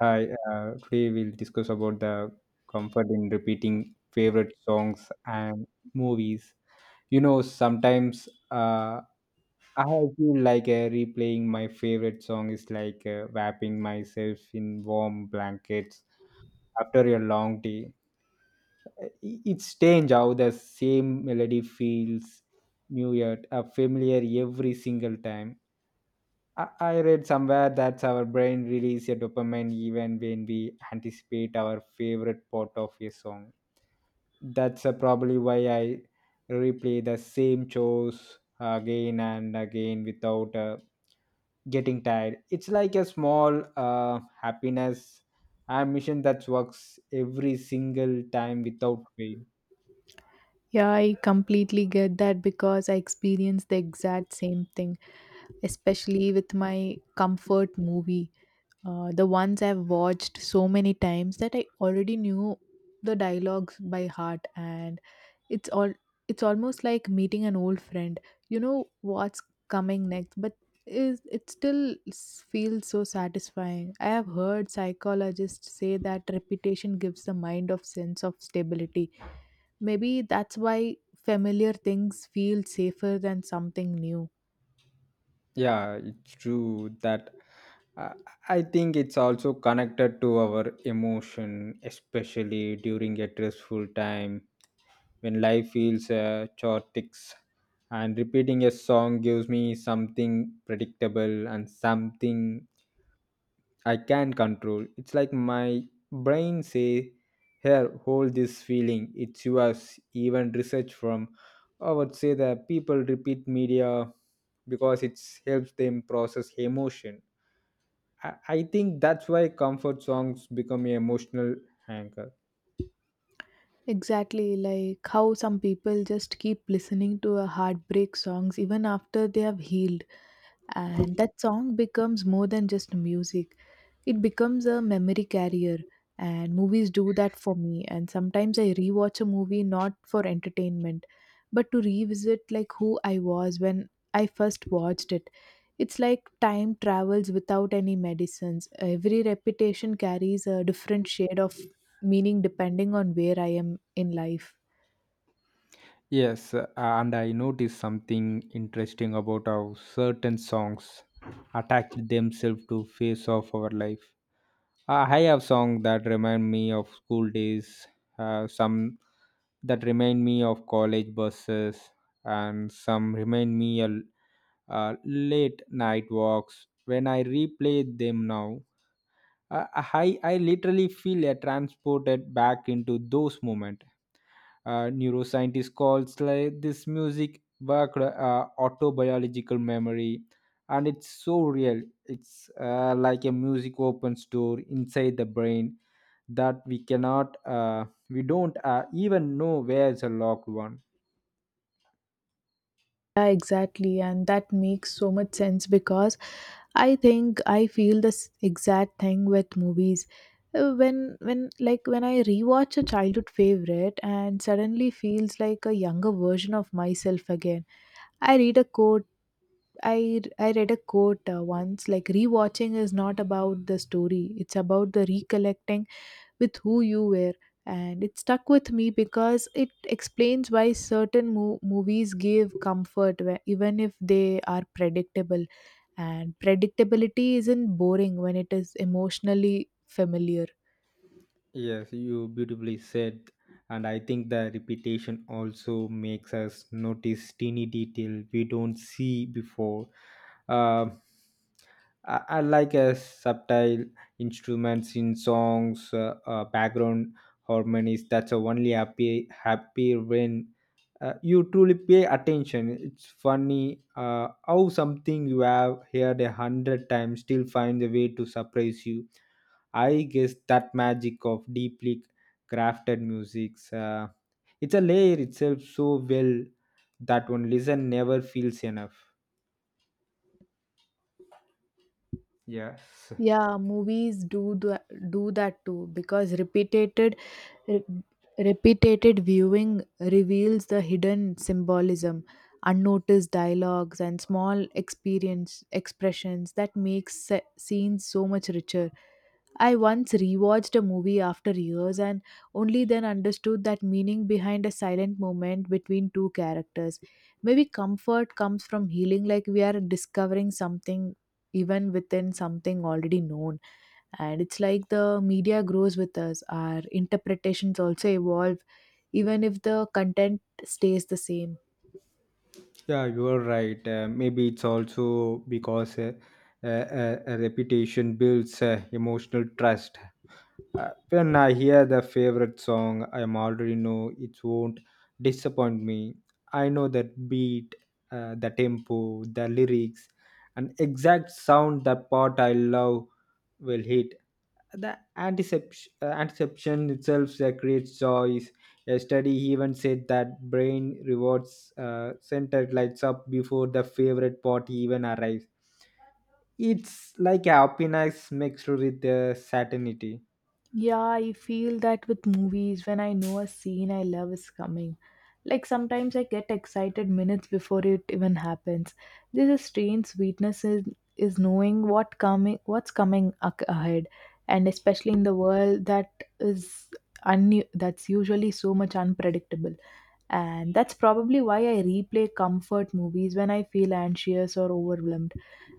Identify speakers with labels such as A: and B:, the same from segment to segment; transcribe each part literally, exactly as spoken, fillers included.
A: Hi, uh, today we'll discuss about the comfort in repeating favorite songs and movies. You know, sometimes uh, I feel like uh, replaying my favorite song is like uh, wrapping myself in warm blankets after a long day. Uh, i- It's strange how the same melody feels new yet uh, familiar every single time. I I read somewhere that our brain releases a dopamine even when we anticipate our favorite part of a song. That's uh, probably why I replay the same chores again and again without uh, getting tired. It's like a small uh, happiness ambition that works every single time without fail.
B: Yeah, I completely get that because I experienced the exact same thing, especially with my comfort movie. Uh, the ones I've watched so many times that I already knew the dialogues by heart, and it's all it's almost like meeting an old friend. You know what's coming next, but is it still s- feels so satisfying. I have heard psychologists say that repetition gives the mind of sense of stability. Maybe that's why familiar things feel safer than something new.
A: Yeah, it's true that uh, I think it's also connected to our emotion, especially during a stressful time when life feels uh, chaotic. And repeating a song gives me something predictable and something I can control. It's like my brain say, "Here, hold this feeling. It's yours." Even research from, I would say that people repeat media because it helps them process emotion. I, I think that's why comfort songs become an emotional anchor.
B: Exactly, like how some people just keep listening to a heartbreak songs even after they have healed. And that song becomes more than just music, it becomes a memory carrier, and movies do that for me. And sometimes I rewatch a movie not for entertainment, but to revisit like who I was when I first watched it. It's like time travels without any medicines. Every repetition carries a different shade of meaning depending on where I am in life.
A: Yes, uh, and I noticed something interesting about how certain songs attach themselves to phase of our life. Uh, I have songs that remind me of school days, uh, some that remind me of college buses, and some remind me of uh, late night walks. When I replay them now, uh, I, I literally feel uh, transported back into those moments. Uh, neuroscientists calls like this music work uh, autobiological memory, and it's so real. It's uh, like a music opens door inside the brain that we cannot, uh, we don't uh, even know where is a locked one.
B: Yeah, exactly, and that makes so much sense because I think I feel this exact thing with movies. Uh, When when like when I rewatch a childhood favorite and suddenly feels like a younger version of myself again. I read a quote. I I read a quote uh, once, like rewatching is not about the story. It's about the recollecting with who you were. And it stuck with me because it explains why certain mo- movies give comfort, wh- even if they are predictable, and predictability isn't boring when it is emotionally familiar.
A: Yes, you beautifully said. And I think the repetition also makes us notice teeny detail we don't see before. Uh, I, I like a subtle instruments in songs, uh, uh, background harmonies. That's a only happy happy when uh, you truly pay attention. It's funny uh, how something you have heard a hundred times still finds a way to surprise you. I guess that magic of deeply crafted music's uh, it's a layer itself so well that one listen never feels enough. Yes.
B: Yeah, movies do the, do that too, because repeated re- repeated viewing reveals the hidden symbolism, unnoticed dialogues and small experience expressions that makes se- scenes so much richer. I once rewatched a movie after years and only then understood that meaning behind a silent moment between two characters. Maybe comfort comes from healing, like we are discovering something even within something already known. And it's like the media grows with us, our interpretations also evolve, even if the content stays the same.
A: Yeah, you are right. Uh, maybe it's also because uh, uh, uh, a reputation builds uh, emotional trust. Uh, when I hear the favorite song, I am already know it won't disappoint me. I know that beat, uh, the tempo, the lyrics, and exact sound that part I love will hit. The anticipation, uh, anticipation itself that creates joy. A study even said that brain rewards uh, center lights up before the favorite part even arrives. It's like happiness mixed with uh, certainty.
B: Yeah, I feel that with movies when I know a scene I love is coming. Like sometimes I get excited minutes before it even happens. There's a strange sweetness in, is knowing what coming what's coming ac- ahead, and especially in the world that is un- that's usually so much unpredictable. And that's probably why I replay comfort movies when I feel anxious or overwhelmed.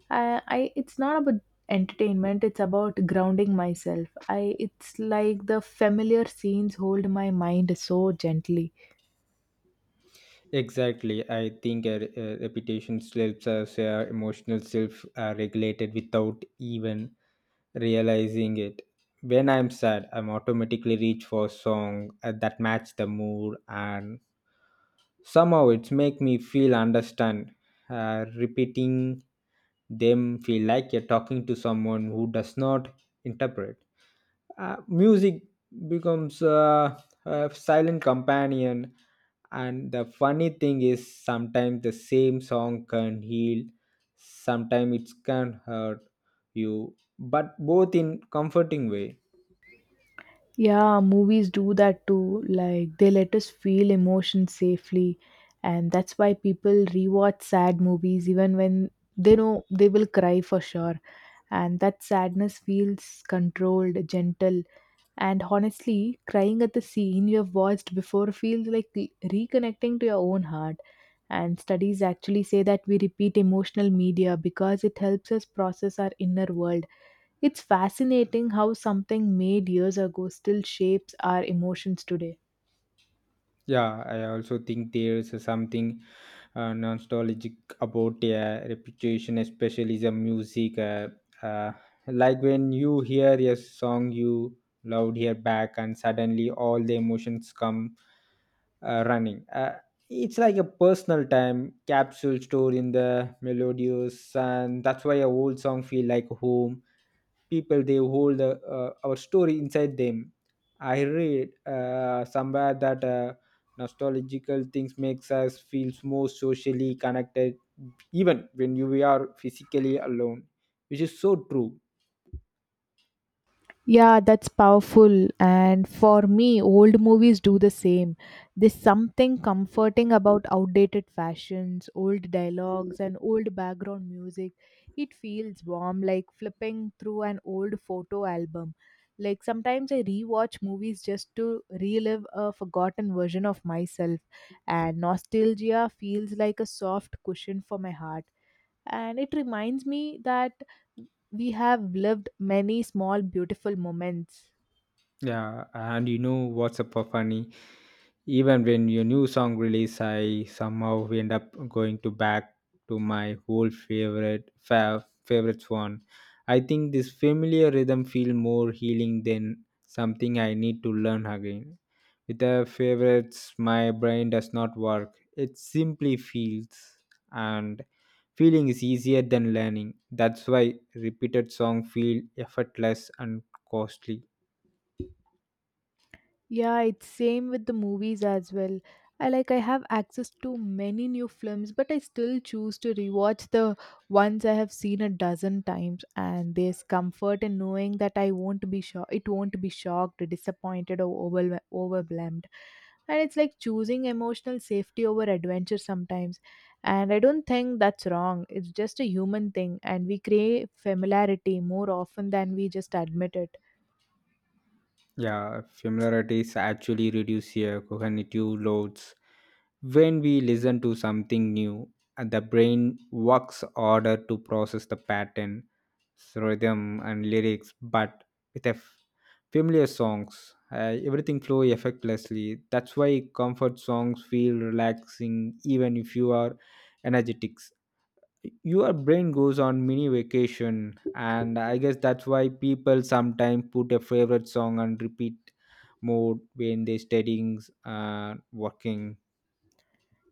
B: I, I it's not about entertainment, it's about grounding myself. I It's like the familiar scenes hold my mind so gently.
A: Exactly. I think a, a reputation helps us uh, emotional self uh, regulated without even realizing it. When I'm sad, I'm automatically reach for song uh, that match the mood and somehow it's make me feel understand. Uh, repeating them feel like you're talking to someone who does not interpret. Uh, music becomes uh, a silent companion, and the funny thing is sometimes the same song can heal, sometimes it can hurt you, but both in comforting way.
B: Yeah, movies do that too, like they let us feel emotions safely, and that's why people rewatch sad movies even when they know they will cry for sure, and that sadness feels controlled, gentle. And honestly, crying at the scene you have watched before feels like re- reconnecting to your own heart. And studies actually say that we repeat emotional media because it helps us process our inner world. It's fascinating how something made years ago still shapes our emotions today.
A: Yeah, I also think there's something uh, nostalgic about a reputation, especially the music. Uh, uh, like when you hear a song you loved here back, and suddenly all the emotions come uh, running. Uh, it's like a personal time capsule stored in the melodious, and that's why a old song feel like home. People they hold uh, uh, our story inside them. I read uh, somewhere that uh, nostalgical things makes us feel more socially connected, even when you we are physically alone, which is so true.
B: Yeah, that's powerful. And for me, old movies do the same. There's something comforting about outdated fashions, old dialogues, and old background music. It feels warm, like flipping through an old photo album. Like sometimes I rewatch movies just to relive a forgotten version of myself, and nostalgia feels like a soft cushion for my heart, and it reminds me that we have lived many small beautiful moments.
A: Yeah, and you know what's up for funny? Even when your new song release, I somehow end up going to back to my old favorite fav, favorites one. I think this familiar rhythm feel more healing than something I need to learn again. With the favorites, my brain does not work. It simply feels, and feeling is easier than learning. That's why repeated song feel effortless and costly.
B: Yeah, it's same with the movies as well. I like I have access to many new films, but I still choose to rewatch the ones I have seen a dozen times, and there's comfort in knowing that I won't be sho it won't be shocked, disappointed or overwhel- overwhelmed. And it's like choosing emotional safety over adventure sometimes. And I don't think that's wrong. It's just a human thing, and we crave familiarity more often than we just admit it.
A: Yeah, familiarities actually reduce your cognitive loads. When we listen to something new, uh, the brain works harder to process the pattern, rhythm, and lyrics. But with a f- familiar songs, uh, everything flow effortlessly. That's why comfort songs feel relaxing, even if you are energetic. Your brain goes on mini vacation, and I guess that's why people sometimes put a favorite song on repeat mode when they're studying and working.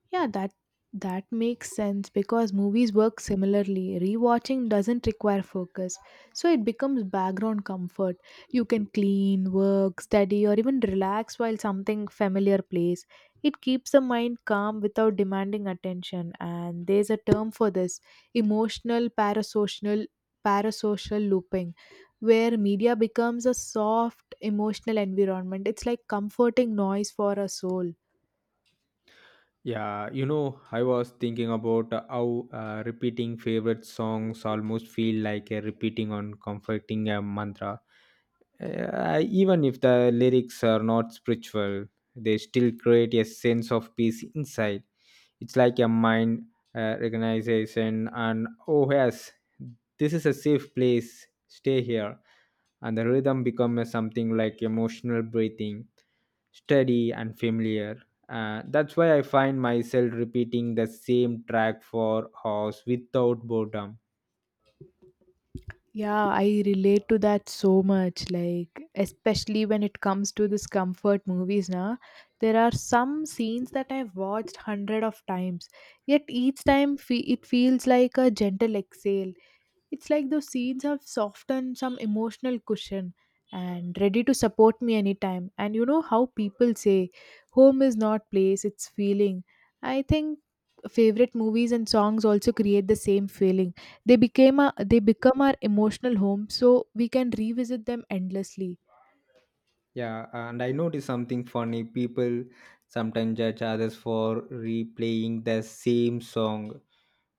B: Yeah, that that makes sense because movies work similarly. Rewatching doesn't require focus, so it becomes background comfort. You can clean, work, study, or even relax while something familiar plays. It keeps the mind calm without demanding attention, and there's a term for this: emotional parasocial parasocial looping, where media becomes a soft emotional environment. It's like comforting noise for a soul.
A: Yeah, you know I was thinking about uh, how uh, repeating favorite songs almost feel like a repeating on comforting a mantra. uh, even if the lyrics are not spiritual, they still create a sense of peace inside. It's like a mind uh, recognition and, oh yes, this is a safe place, stay here. And the rhythm becomes something like emotional breathing, steady and familiar. uh, that's why I find myself repeating the same track for hours without boredom.
B: Yeah, I relate to that so much. Like, especially when it comes to this comfort movies, now there are some scenes that I've watched hundred of times, yet each time fe- it feels like a gentle exhale. It's like those scenes have softened some emotional cushion and ready to support me anytime. And you know how people say, home is not place, it's feeling. I think favorite movies and songs also create the same feeling. They became a, they become our emotional home, so we can revisit them endlessly.
A: Yeah, and I notice something funny. People sometimes judge others for replaying the same song,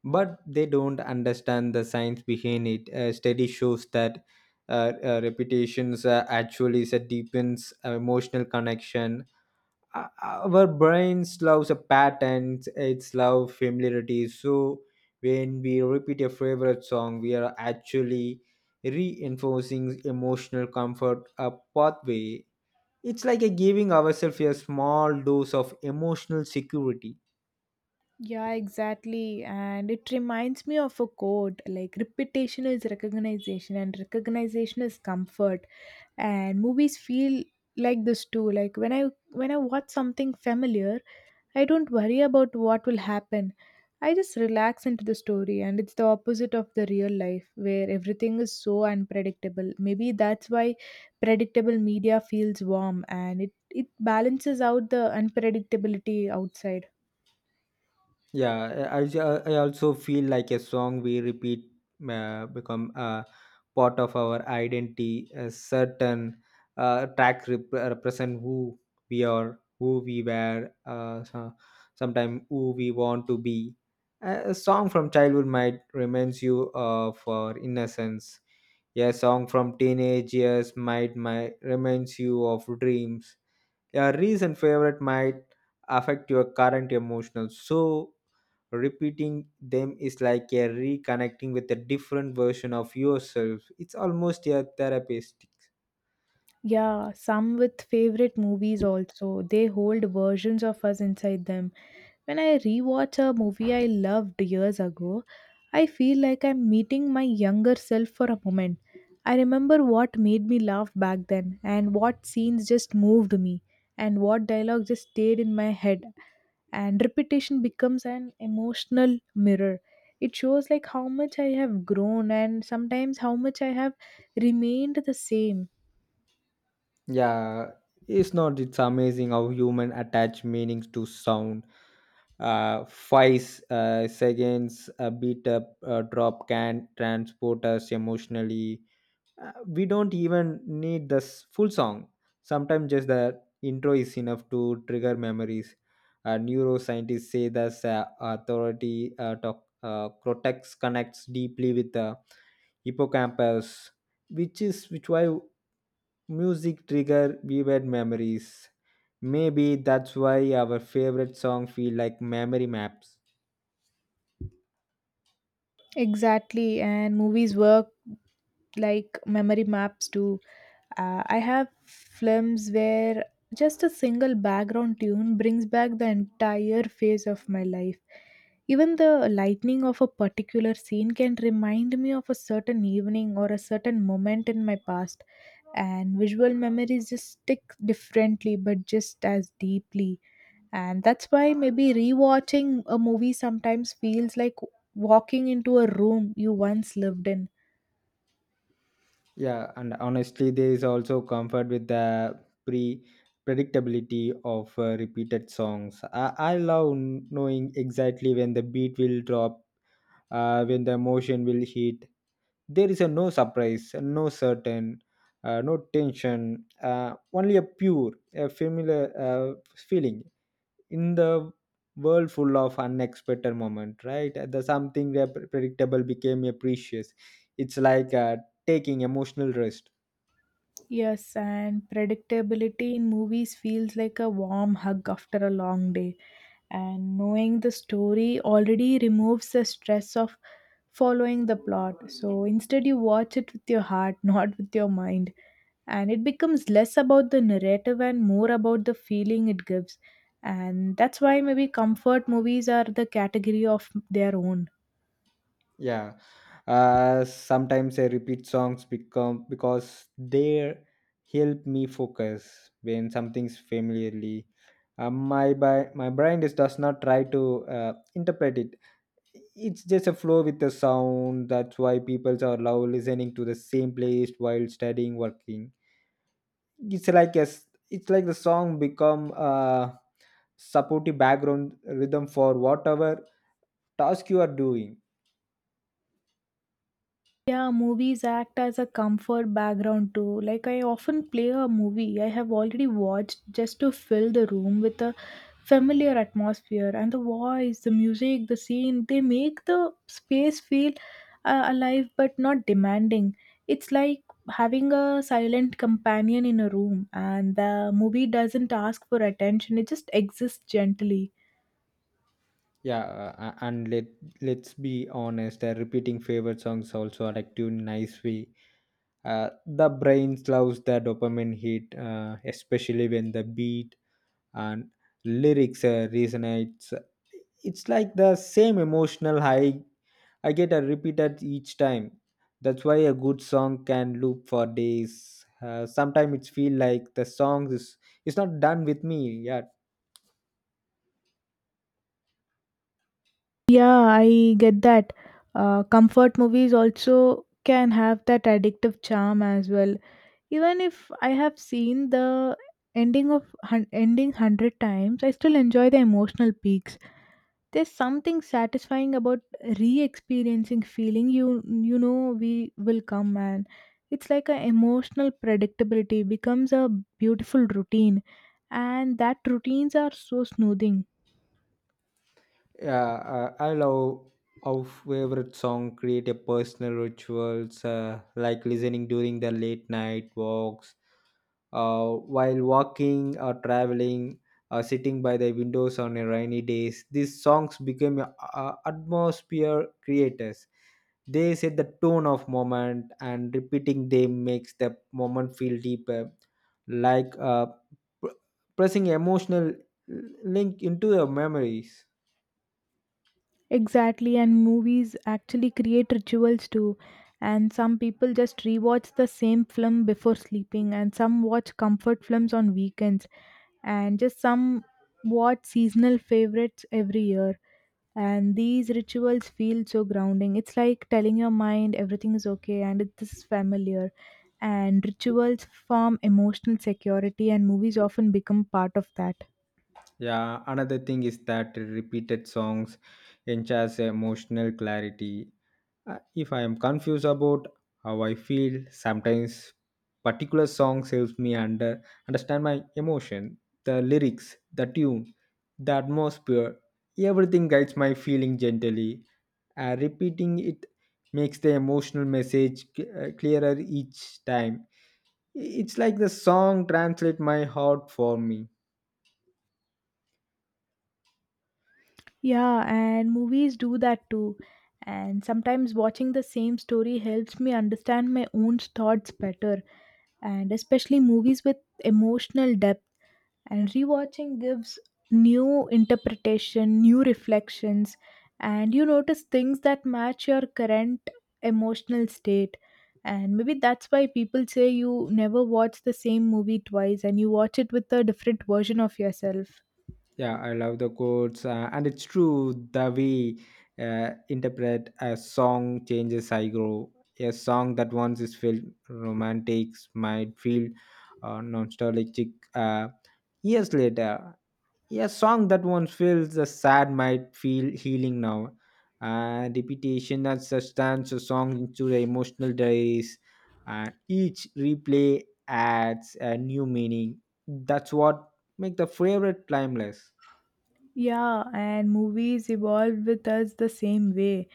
A: but they don't understand the science behind it. A study shows that uh, uh, repetitions uh, actually is a deepens uh, emotional connection. Uh, Our brains loves a patterns, it's love familiarity. So when we repeat a favorite song, we are actually reinforcing emotional comfort a pathway. It's like a giving ourselves a small dose of emotional security.
B: Yeah, exactly. And it reminds me of a quote, like, repetition is recognition, and recognition is comfort. And movies feel like this too. Like, when I when I watch something familiar, I don't worry about what will happen. I just relax into the story, and it's the opposite of the real life where everything is so unpredictable. Maybe that's why predictable media feels warm, and it, it balances out the unpredictability outside.
A: Yeah, I, I I also feel like a song we repeat uh, become a part of our identity. A certain uh, track rep- represent who we are, who we were, uh, so, sometimes who we want to be. A, a song from childhood might reminds you of our innocence. A song from teenage years might might reminds you of dreams. A recent favorite might affect your current emotional, so repeating them is like a reconnecting with a different version of yourself. It's almost a therapeutic.
B: Yeah, some with favorite movies also. They hold versions of us inside them. When I rewatch a movie I loved years ago, I feel like I'm meeting my younger self for a moment. I remember what made me laugh back then, and what scenes just moved me, and what dialogue just stayed in my head. And repetition becomes an emotional mirror. It shows like how much I have grown, and sometimes how much I have remained the same.
A: Yeah, it's not it's amazing how human attach meanings to sound. uh, five uh, seconds a beat up uh, drop can transport us emotionally. Uh, we don't even need the s- full song. Sometimes just the intro is enough to trigger memories. Uh, neuroscientists say the sa- authority uh, to- uh, cortex connects deeply with the hippocampus, which is which why music trigger vivid memories. Maybe that's why our favorite song feel like memory maps.
B: Exactly, and movies work like memory maps too. Uh, I have films where just a single background tune brings back the entire phase of my life. Even the lightning of a particular scene can remind me of a certain evening or a certain moment in my past, and visual memories just stick differently but just as deeply. And that's why maybe rewatching a movie sometimes feels like walking into a room you once lived in.
A: Yeah, and honestly, there is also comfort with the pre predictability of uh, repeated songs. I, I love n- knowing exactly when the beat will drop, uh, when the emotion will hit. There is a no surprise, no certain, uh, no tension, uh, only a pure, a familiar uh, feeling in the world full of unexpected moment. Right, the something that predictable became a precious. It's like uh, taking emotional rest.
B: Yes, and predictability in movies feels like a warm hug after a long day. And knowing the story already removes the stress of following the plot. So instead, you watch it with your heart, not with your mind. And it becomes less about the narrative and more about the feeling it gives. And that's why maybe comfort movies are the category of their own.
A: Yeah, uh sometimes I repeat songs become because they help me focus when something's familiarly. uh, my by my brain is, does not try to uh, interpret it. It's just a flow with the sound. That's why people are love listening to the same playlist while studying, working. It's like a s- it's like the song become a supportive background rhythm for whatever task you are doing.
B: Yeah, movies act as a comfort background too. Like I often play a movie I have already watched just to fill the room with a familiar atmosphere, and the voice, the music, the scene, they make the space feel uh, alive but not demanding. It's like having a silent companion in a room, and the movie doesn't ask for attention. It just exists gently.
A: Yeah, uh, uh, and let let's be honest. Uh, repeating favorite songs also addictive in nice way. Uh, the brain loves the dopamine hit, uh, especially when the beat and lyrics uh, resonates. It's like the same emotional high I get a repeated each time. That's why a good song can loop for days. Uh, sometimes it feel like the song is it's not done with me. Yeah,
B: Yeah, I get that. Uh, comfort movies also can have that addictive charm as well. Even if I have seen the ending of hun- ending hundred times, I still enjoy the emotional peaks. There's something satisfying about re-experiencing feeling you you know we will come, man. It's like a emotional predictability becomes a beautiful routine, and that routines are so soothing.
A: yeah, uh, I love how favorite song create a personal rituals uh, like listening during the late night walks, uh, while walking or traveling, or sitting by the windows on a rainy days. These songs became a, a atmosphere creators. They set the tone of moment, and repeating them makes the moment feel deeper, like uh, pr- pressing emotional link into the memories.
B: Exactly, and movies actually create rituals too. And some people just rewatch the same film before sleeping, and some watch comfort films on weekends, and just some watch seasonal favorites every year. And these rituals feel so grounding. It's like telling your mind everything is okay and it is familiar. And rituals form emotional security, and movies often become part of that.
A: Yeah, another thing is that repeated songs enhance emotional clarity. Uh, If I am confused about how I feel, sometimes particular songs helps me under understand my emotion, the lyrics, the tune, the atmosphere. Everything guides my feeling gently. Uh, repeating it makes the emotional message c- uh, clearer each time. I- It's like the song translate my heart for me.
B: Yeah, and movies do that too. And sometimes watching the same story helps me understand my own thoughts better, and especially movies with emotional depth. And rewatching gives new interpretation, new reflections, and you notice things that match your current emotional state. And maybe that's why people say you never watch the same movie twice, and you watch it with a different version of yourself.
A: Yeah, I love the quotes, uh, and it's true the way uh, interpret a song changes. I grow a song that once is felt romantic might feel uh, nostalgic uh, years later. A song that once feels uh, sad might feel healing now. Uh, repetition that sustains a song into the emotional diaries, and each replay adds a new meaning. That's what makes the favorite timeless.
B: Yeah, and movies evolve with us the same way.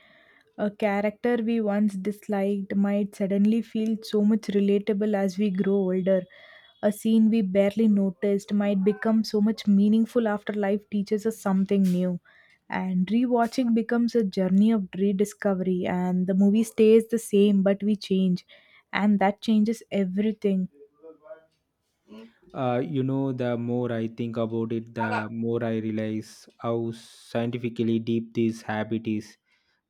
B: A character we once disliked might suddenly feel so much relatable as we grow older. A scene we barely noticed might become so much meaningful after life teaches us something new. And rewatching becomes a journey of rediscovery, and the movie stays the same, but we change. And that changes everything.
A: Uh, you know, the more I think about it, the more I realize how scientifically deep this habit is.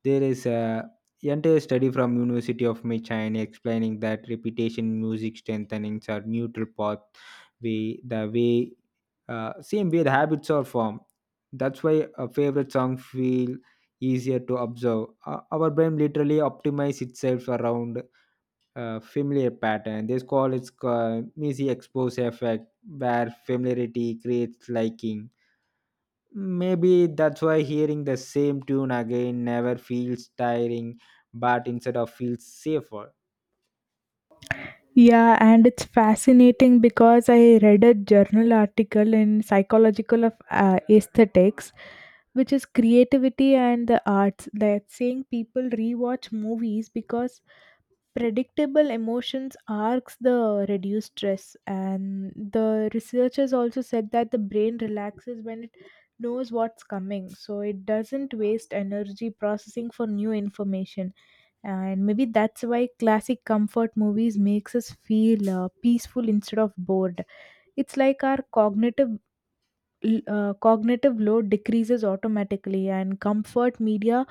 A: There is a entire study from University of Michigan explaining that repetition, music strengthenings are neutral path way, the way, uh, same way the habits are formed. That's why a favorite song feel easier to observe. Uh, our brain literally optimizes itself around uh, familiar pattern. This call is uh, Missy exposure effect, where familiarity creates liking. Maybe that's why hearing the same tune again never feels tiring, but instead of feels safer.
B: Yeah, and it's fascinating because I read a journal article in Psychological of uh, Aesthetics, which is creativity and the arts. That saying people rewatch movies because predictable emotions arcs the reduced stress, and the researchers also said that the brain relaxes when it knows what's coming, so it doesn't waste energy processing for new information. And maybe that's why classic comfort movies makes us feel uh, peaceful instead of bored. It's like our cognitive uh, cognitive load decreases automatically, and comfort media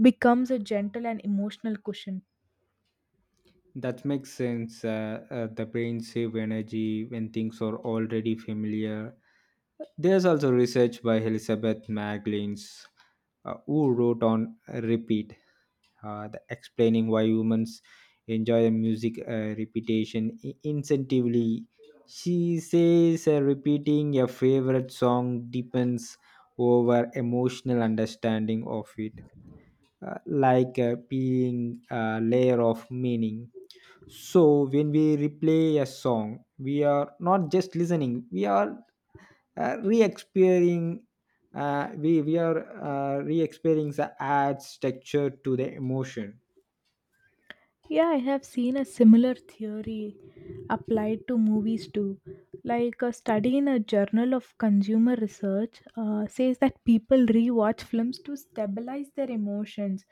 B: becomes a gentle and emotional cushion.
A: That makes sense. Uh, uh, the brain save energy when things are already familiar. There's also research by Elizabeth Maglins, uh, who wrote on repeat uh, the explaining why humans enjoy the music uh, repetition i- incentively. She says uh, repeating a favorite song deepens over emotional understanding of it, uh, like uh, peeling a layer of meaning. So when we replay a song, we are not just listening; we are uh, re-experiencing. Uh, we we are uh, re-experiencing the adds texture to the emotion.
B: Yeah, I have seen a similar theory applied to movies too. Like a study in a journal of consumer research uh, says that people rewatch films to stabilize their emotions,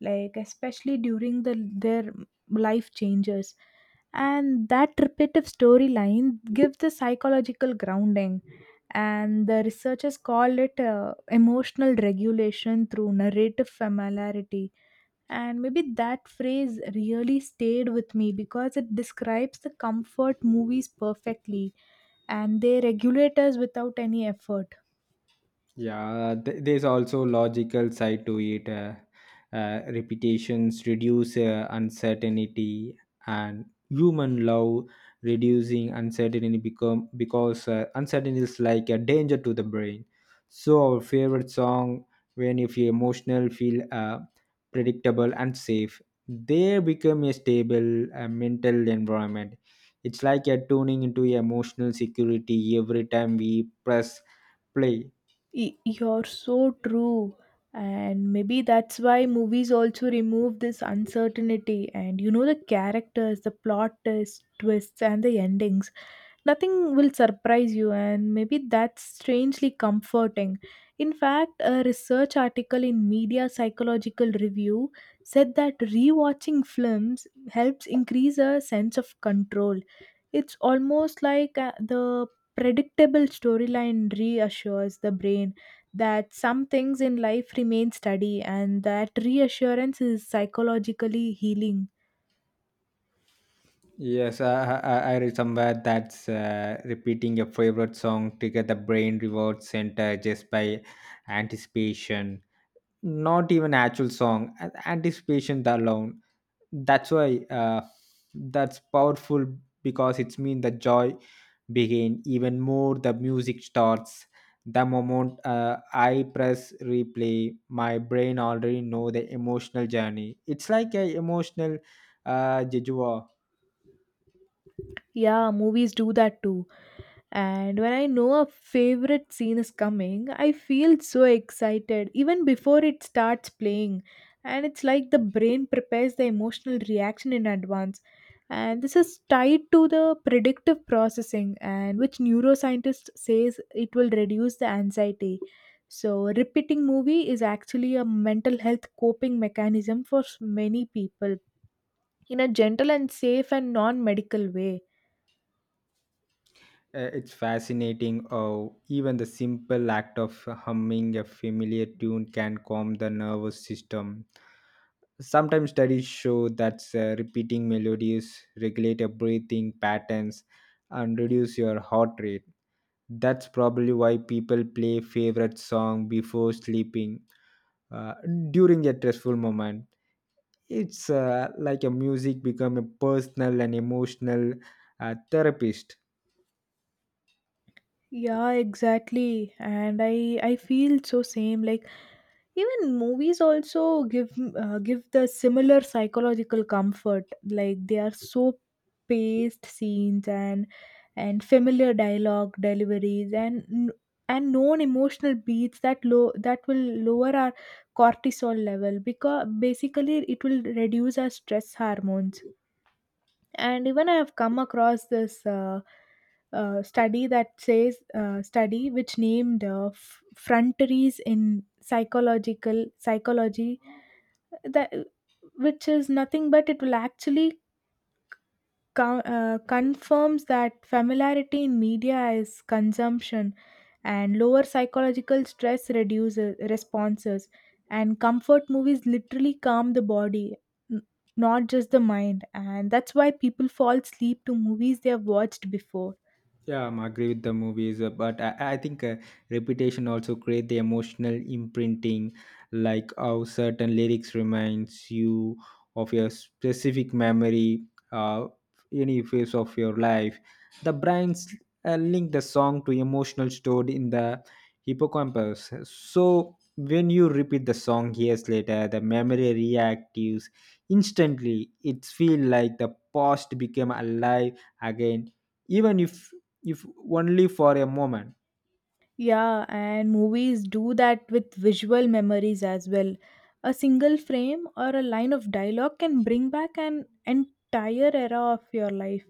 B: like especially during the their life changes. And that repetitive storyline gives the psychological grounding. And the researchers call it uh, emotional regulation through narrative familiarity, and maybe that phrase really stayed with me because it describes the comfort movies perfectly, and they regulate us without any effort.
A: Yeah, th- there's also logical side to it. Uh, uh, repetitions reduce uh, uncertainty, and human love reducing uncertainty become because uh, uncertainty is like a danger to the brain. So our favorite song, when if you emotional, feel uh, predictable and safe, they become a stable uh, mental environment. It's like you're tuning into emotional security every time we press play.
B: Y- You're so true. And maybe that's why movies also remove this uncertainty. And you know the characters, the plot twist- twists, and the endings. Nothing will surprise you, and maybe that's strangely comforting. In fact, a research article in Media Psychological Review said that rewatching films helps increase a sense of control. It's almost like uh, the predictable storyline reassures the brain that some things in life remain steady, and that reassurance is psychologically healing.
A: Yes, I, I, I I read somewhere that's uh, repeating your favorite song trigger the brain reward center just by anticipation. Not even actual song, a- anticipation alone. That's why uh, that's powerful because it's mean the joy begin even more the music starts. The moment uh, I press replay, my brain already know the emotional journey. It's like a emotional uh, jejua.
B: Yeah, movies do that too. And when I know a favorite scene is coming, I feel so excited even before it starts playing. And it's like the brain prepares the emotional reaction in advance. And this is tied to the predictive processing, and which neuroscientist says it will reduce the anxiety. So, repeating movie is actually a mental health coping mechanism for s- many people, in a gentle and safe and non medical way.
A: Uh, It's fascinating. Oh, even the simple act of humming a familiar tune can calm the nervous system. Sometimes studies show that uh, repeating melodies regulate your breathing patterns and reduce your heart rate. That's probably why people play favorite song before sleeping uh, during a stressful moment. It's uh, like a music become a personal and emotional uh, therapist.
B: Yeah, exactly. And I I feel so same. Like even movies also give uh, give the similar psychological comfort. Like they are so paced scenes, and and familiar dialogue deliveries, and n- and known emotional beats that low that will lower our cortisol level, because basically it will reduce our stress hormones. And even I have come across this uh, uh, study that says, uh, study which named uh, f- frontaries in psychological psychology, that which is nothing but it will actually co- uh, confirms that familiarity in media is consumption, and lower psychological stress reduces responses, and comfort movies literally calm the body, n- not just the mind. And that's why people fall asleep to movies they have watched before.
A: Yeah, I agree with the movies, uh, but I, I think uh, repetition also create the emotional imprinting, like how certain lyrics reminds you of your specific memory, uh, any phase of your life. The brains uh, link the song to emotional stored in the hippocampus. So when you repeat the song years later, the memory reactives instantly. It feel like the past became alive again even if if only for a moment.
B: Yeah, and movies do that with visual memories as well. A single frame or a line of dialogue can bring back an entire era of your life.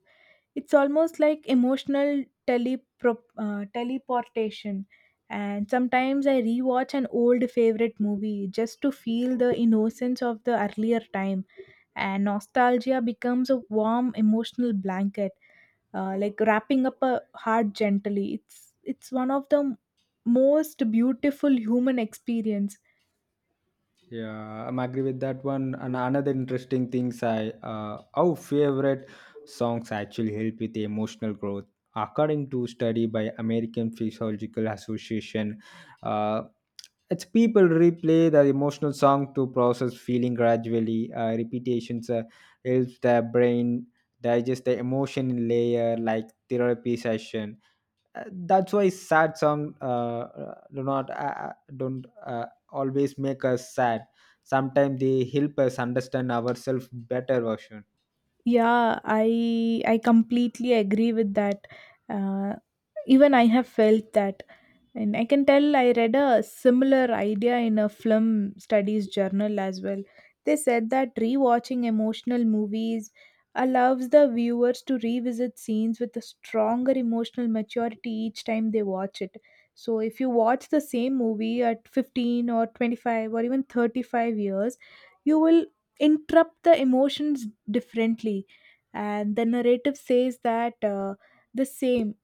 B: It's almost like emotional telepro- uh, teleportation. And sometimes I rewatch an old favorite movie just to feel the innocence of the earlier time, and nostalgia becomes a warm emotional blanket, uh, like wrapping up a heart gently. It's it's one of the most beautiful human experience.
A: Yeah, I'm agree with that one and another interesting things I uh, our favorite songs actually help with emotional growth according to study by American Physiological Association. uh, it's people replay the emotional song to process feeling gradually. Uh, repetitions uh, helps the brain digest the emotion in layer like therapy session. Uh, that's why sad song uh, uh, do not uh, don't uh, always make us sad. Sometimes they help us understand ourselves better version.
B: Yeah, i i completely agree with that. uh, Even I have felt that. And I can tell I read a similar idea in a film studies journal as well. They said that rewatching emotional movies allows the viewers to revisit scenes with a stronger emotional maturity each time they watch it. So if you watch the same movie at fifteen or twenty-five or even thirty-five years, you will interrupt the emotions differently. And the narrative says that, uh, the same,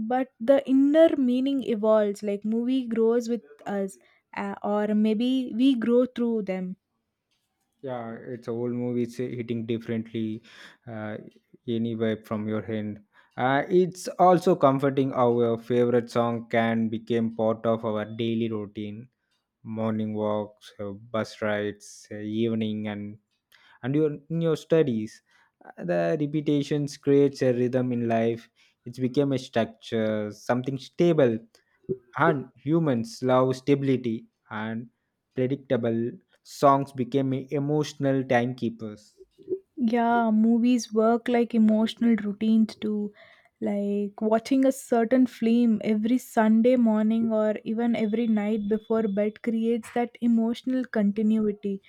B: but the inner meaning evolves, like movie grows with us, uh, or maybe we grow through them.
A: Yeah, it's a whole movie. It's hitting differently. Uh, any vibe from your hand. Uh, it's also comforting how our favorite song can become part of our daily routine, morning walks, uh, bus rides, uh, evening and and your in your studies. Uh, the repetitions creates a rhythm in life. It's become a structure, something stable, and humans love stability, and predictable songs became emotional timekeepers.
B: Yeah, movies work like emotional routines too, like watching a certain film every Sunday morning or even every night before bed creates that emotional continuity,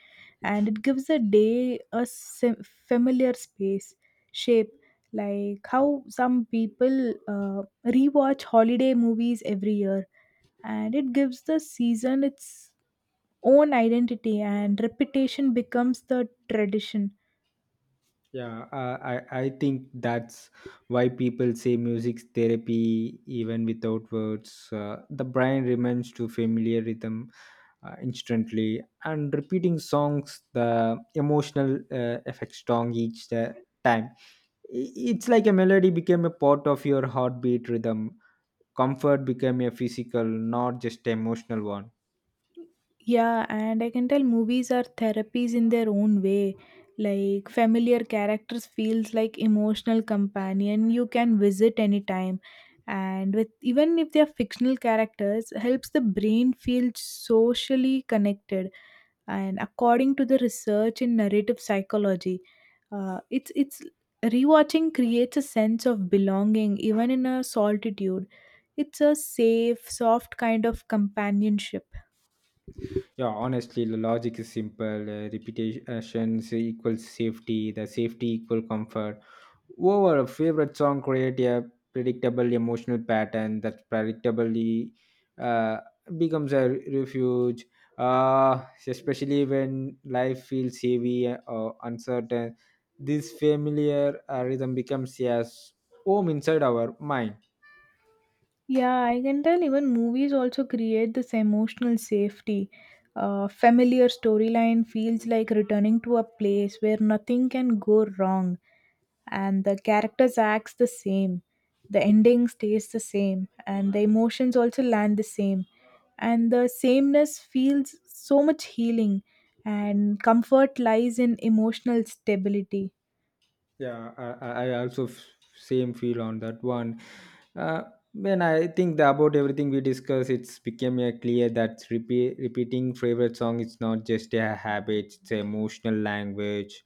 B: and it gives a day a sim- familiar space shape. Like how some people uh, rewatch holiday movies every year, and it gives the season its own identity, and reputation becomes the tradition.
A: Yeah, uh, i i think that's why people say music therapy even without words. uh, the brain remains to familiar rhythm uh, instantly and repeating songs the emotional uh, effect strong each uh, time. I- it's like a melody became a part of your heartbeat rhythm. Comfort became a physical not just emotional one.
B: Yeah, and I can tell movies are therapies in their own way. Like familiar characters feels like emotional companion you can visit anytime, and with even if they are fictional characters helps the brain feel socially connected. And according to the research in narrative psychology, Uh, it's it's rewatching creates a sense of belonging even in a solitude. It's a safe, soft kind of companionship.
A: Yeah, honestly the logic is simple. Uh, repetition equals safety, the safety equal comfort. Over a favorite song create a predictable emotional pattern that predictably uh, becomes a refuge, uh, especially when life feels heavy or uncertain. This familiar uh, rhythm becomes a s- home inside our mind.
B: Yeah, I can tell even movies also create this emotional safety. Uh, familiar storyline feels like returning to a place where nothing can go wrong, and the characters acts the same. The ending stays the same, and the emotions also land the same. And the sameness feels so much healing, and comfort lies in emotional stability.
A: Yeah, i, I I also f- same feel on that one. uh, when i think the, about everything we discuss it's became uh, clear that repeat, repeating favorite song is not just a habit. It's an emotional language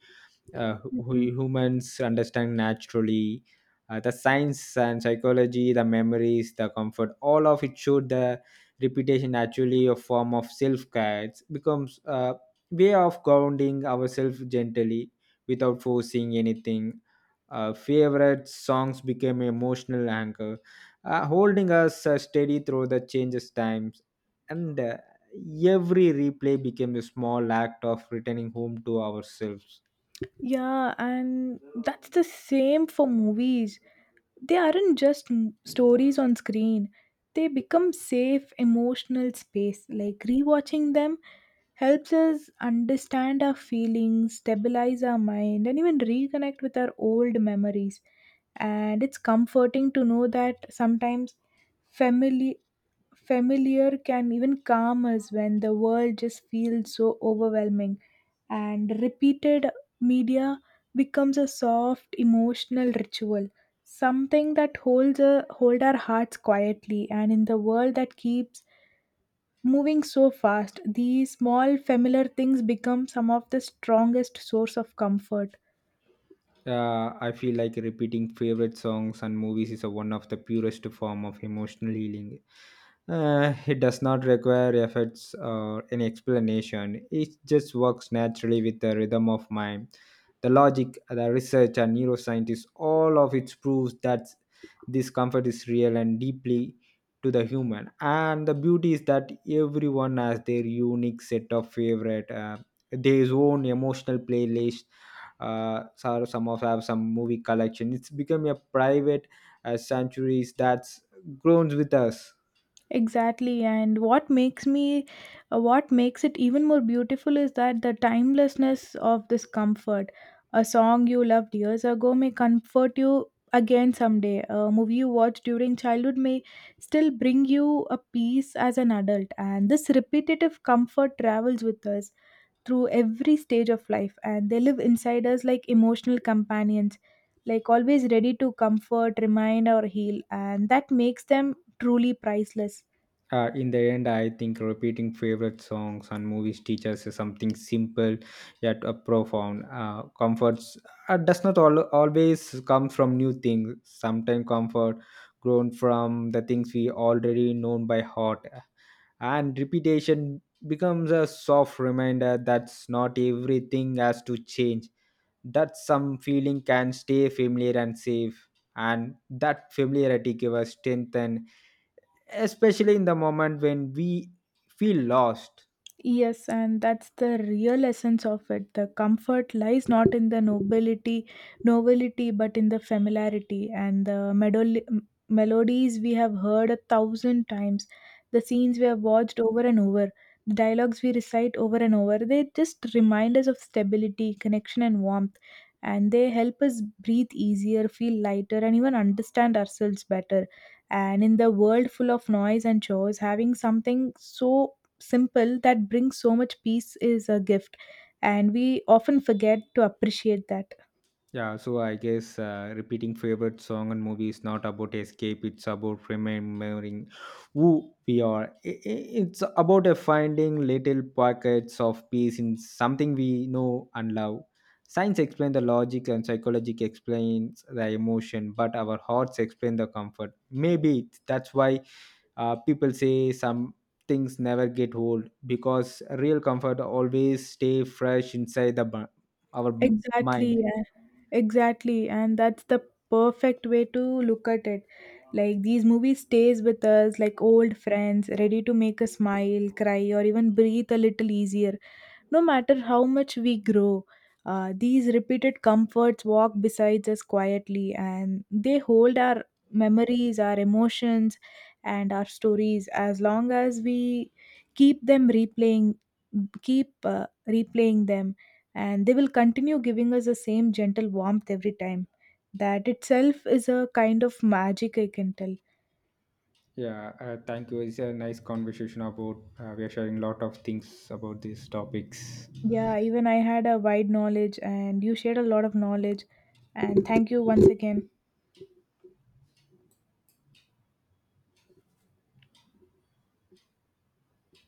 A: uh, hu-
B: Mhm.
A: humans understand naturally. Uh, the science and psychology, the memories, the comfort, all of it showed the repetition actually a form of self-care. It becomes a way of grounding ourselves gently without forcing anything. Uh, favorite songs became emotional anchor, uh, holding us uh, steady through the changes times. And uh, every replay became a small act of returning home to ourselves.
B: Yeah, and that's the same for movies. They aren't just m- stories on screen. They become safe emotional space. Like rewatching them helps us understand our feelings, stabilize our mind, and even reconnect with our old memories. And it's comforting to know that sometimes family familiar can even calm us when the world just feels so overwhelming, and repeated media becomes a soft emotional ritual, something that holds a, hold our hearts quietly. And in the world that keeps moving so fast, these small familiar things become some of the strongest source of comfort.
A: Uh, I feel like repeating favorite songs and movies is a, one of the purest form of emotional healing. Uh, it does not require efforts or any explanation. It just works naturally with the rhythm of mind. The logic, the research, and neuroscientists, all of it proves that this comfort is real and deeply to the human. And the beauty is that everyone has their unique set of favorite, uh, their own emotional playlist. Uh, so some of have some movie collection. It's become a private uh, sanctuary that's grown with us.
B: Exactly, and what makes me, uh, what makes it even more beautiful is that the timelessness of this comfort. A song you loved years ago may comfort you again someday. A movie you watched during childhood may still bring you a peace as an adult. And this repetitive comfort travels with us through every stage of life, and they live inside us like emotional companions, like always ready to comfort, remind, or heal. And that makes them truly priceless.
A: Uh, in the end I think repeating favorite songs and movies teaches us something simple yet uh, profound. Uh, comforts uh, does not al- always come from new things. Sometimes comfort grown from the things we already known by heart, and repetition becomes a soft reminder that's not everything has to change, that some feeling can stay familiar and safe, and that familiarity gives us strength and especially in the moment when we feel lost.
B: Yes, and that's the real essence of it. The comfort lies not in the nobility, novelty, but in the familiarity, and the medol- m- melodies we have heard a thousand times, the scenes we have watched over and over, the dialogues we recite over and over. They just remind us of stability, connection, and warmth, and they help us breathe easier, feel lighter, and even understand ourselves better. And in the world full of noise and chores, having something so simple that brings so much peace is a gift, and we often forget to appreciate that.
A: Yeah, so I guess uh, repeating favorite song and movie is not about escape. It's about remembering who we are. I- i- It's about uh, finding little pockets of peace in something we know and love. Science explains the logic and psychology explains the emotion, but our hearts explain the comfort. Maybe that's why uh, people say some things never get old because real comfort always stay fresh inside the bu- our mind.
B: Exactly, yeah. Exactly, and that's the perfect way to look at it. Like these movies stays with us like old friends, ready to make us smile, cry, or even breathe a little easier. No matter how much we grow, uh, these repeated comforts walk beside us quietly, and they hold our memories, our emotions, and our stories. As long as we keep them replaying, keep uh, replaying them, and they will continue giving us the same gentle warmth every time. That itself is a kind of magic, I can tell.
A: Yeah, uh, thank you. It's a nice conversation about. Uh, we are sharing a lot of things about these topics.
B: Yeah, even I had a wide knowledge, and you shared a lot of knowledge. And thank you once again.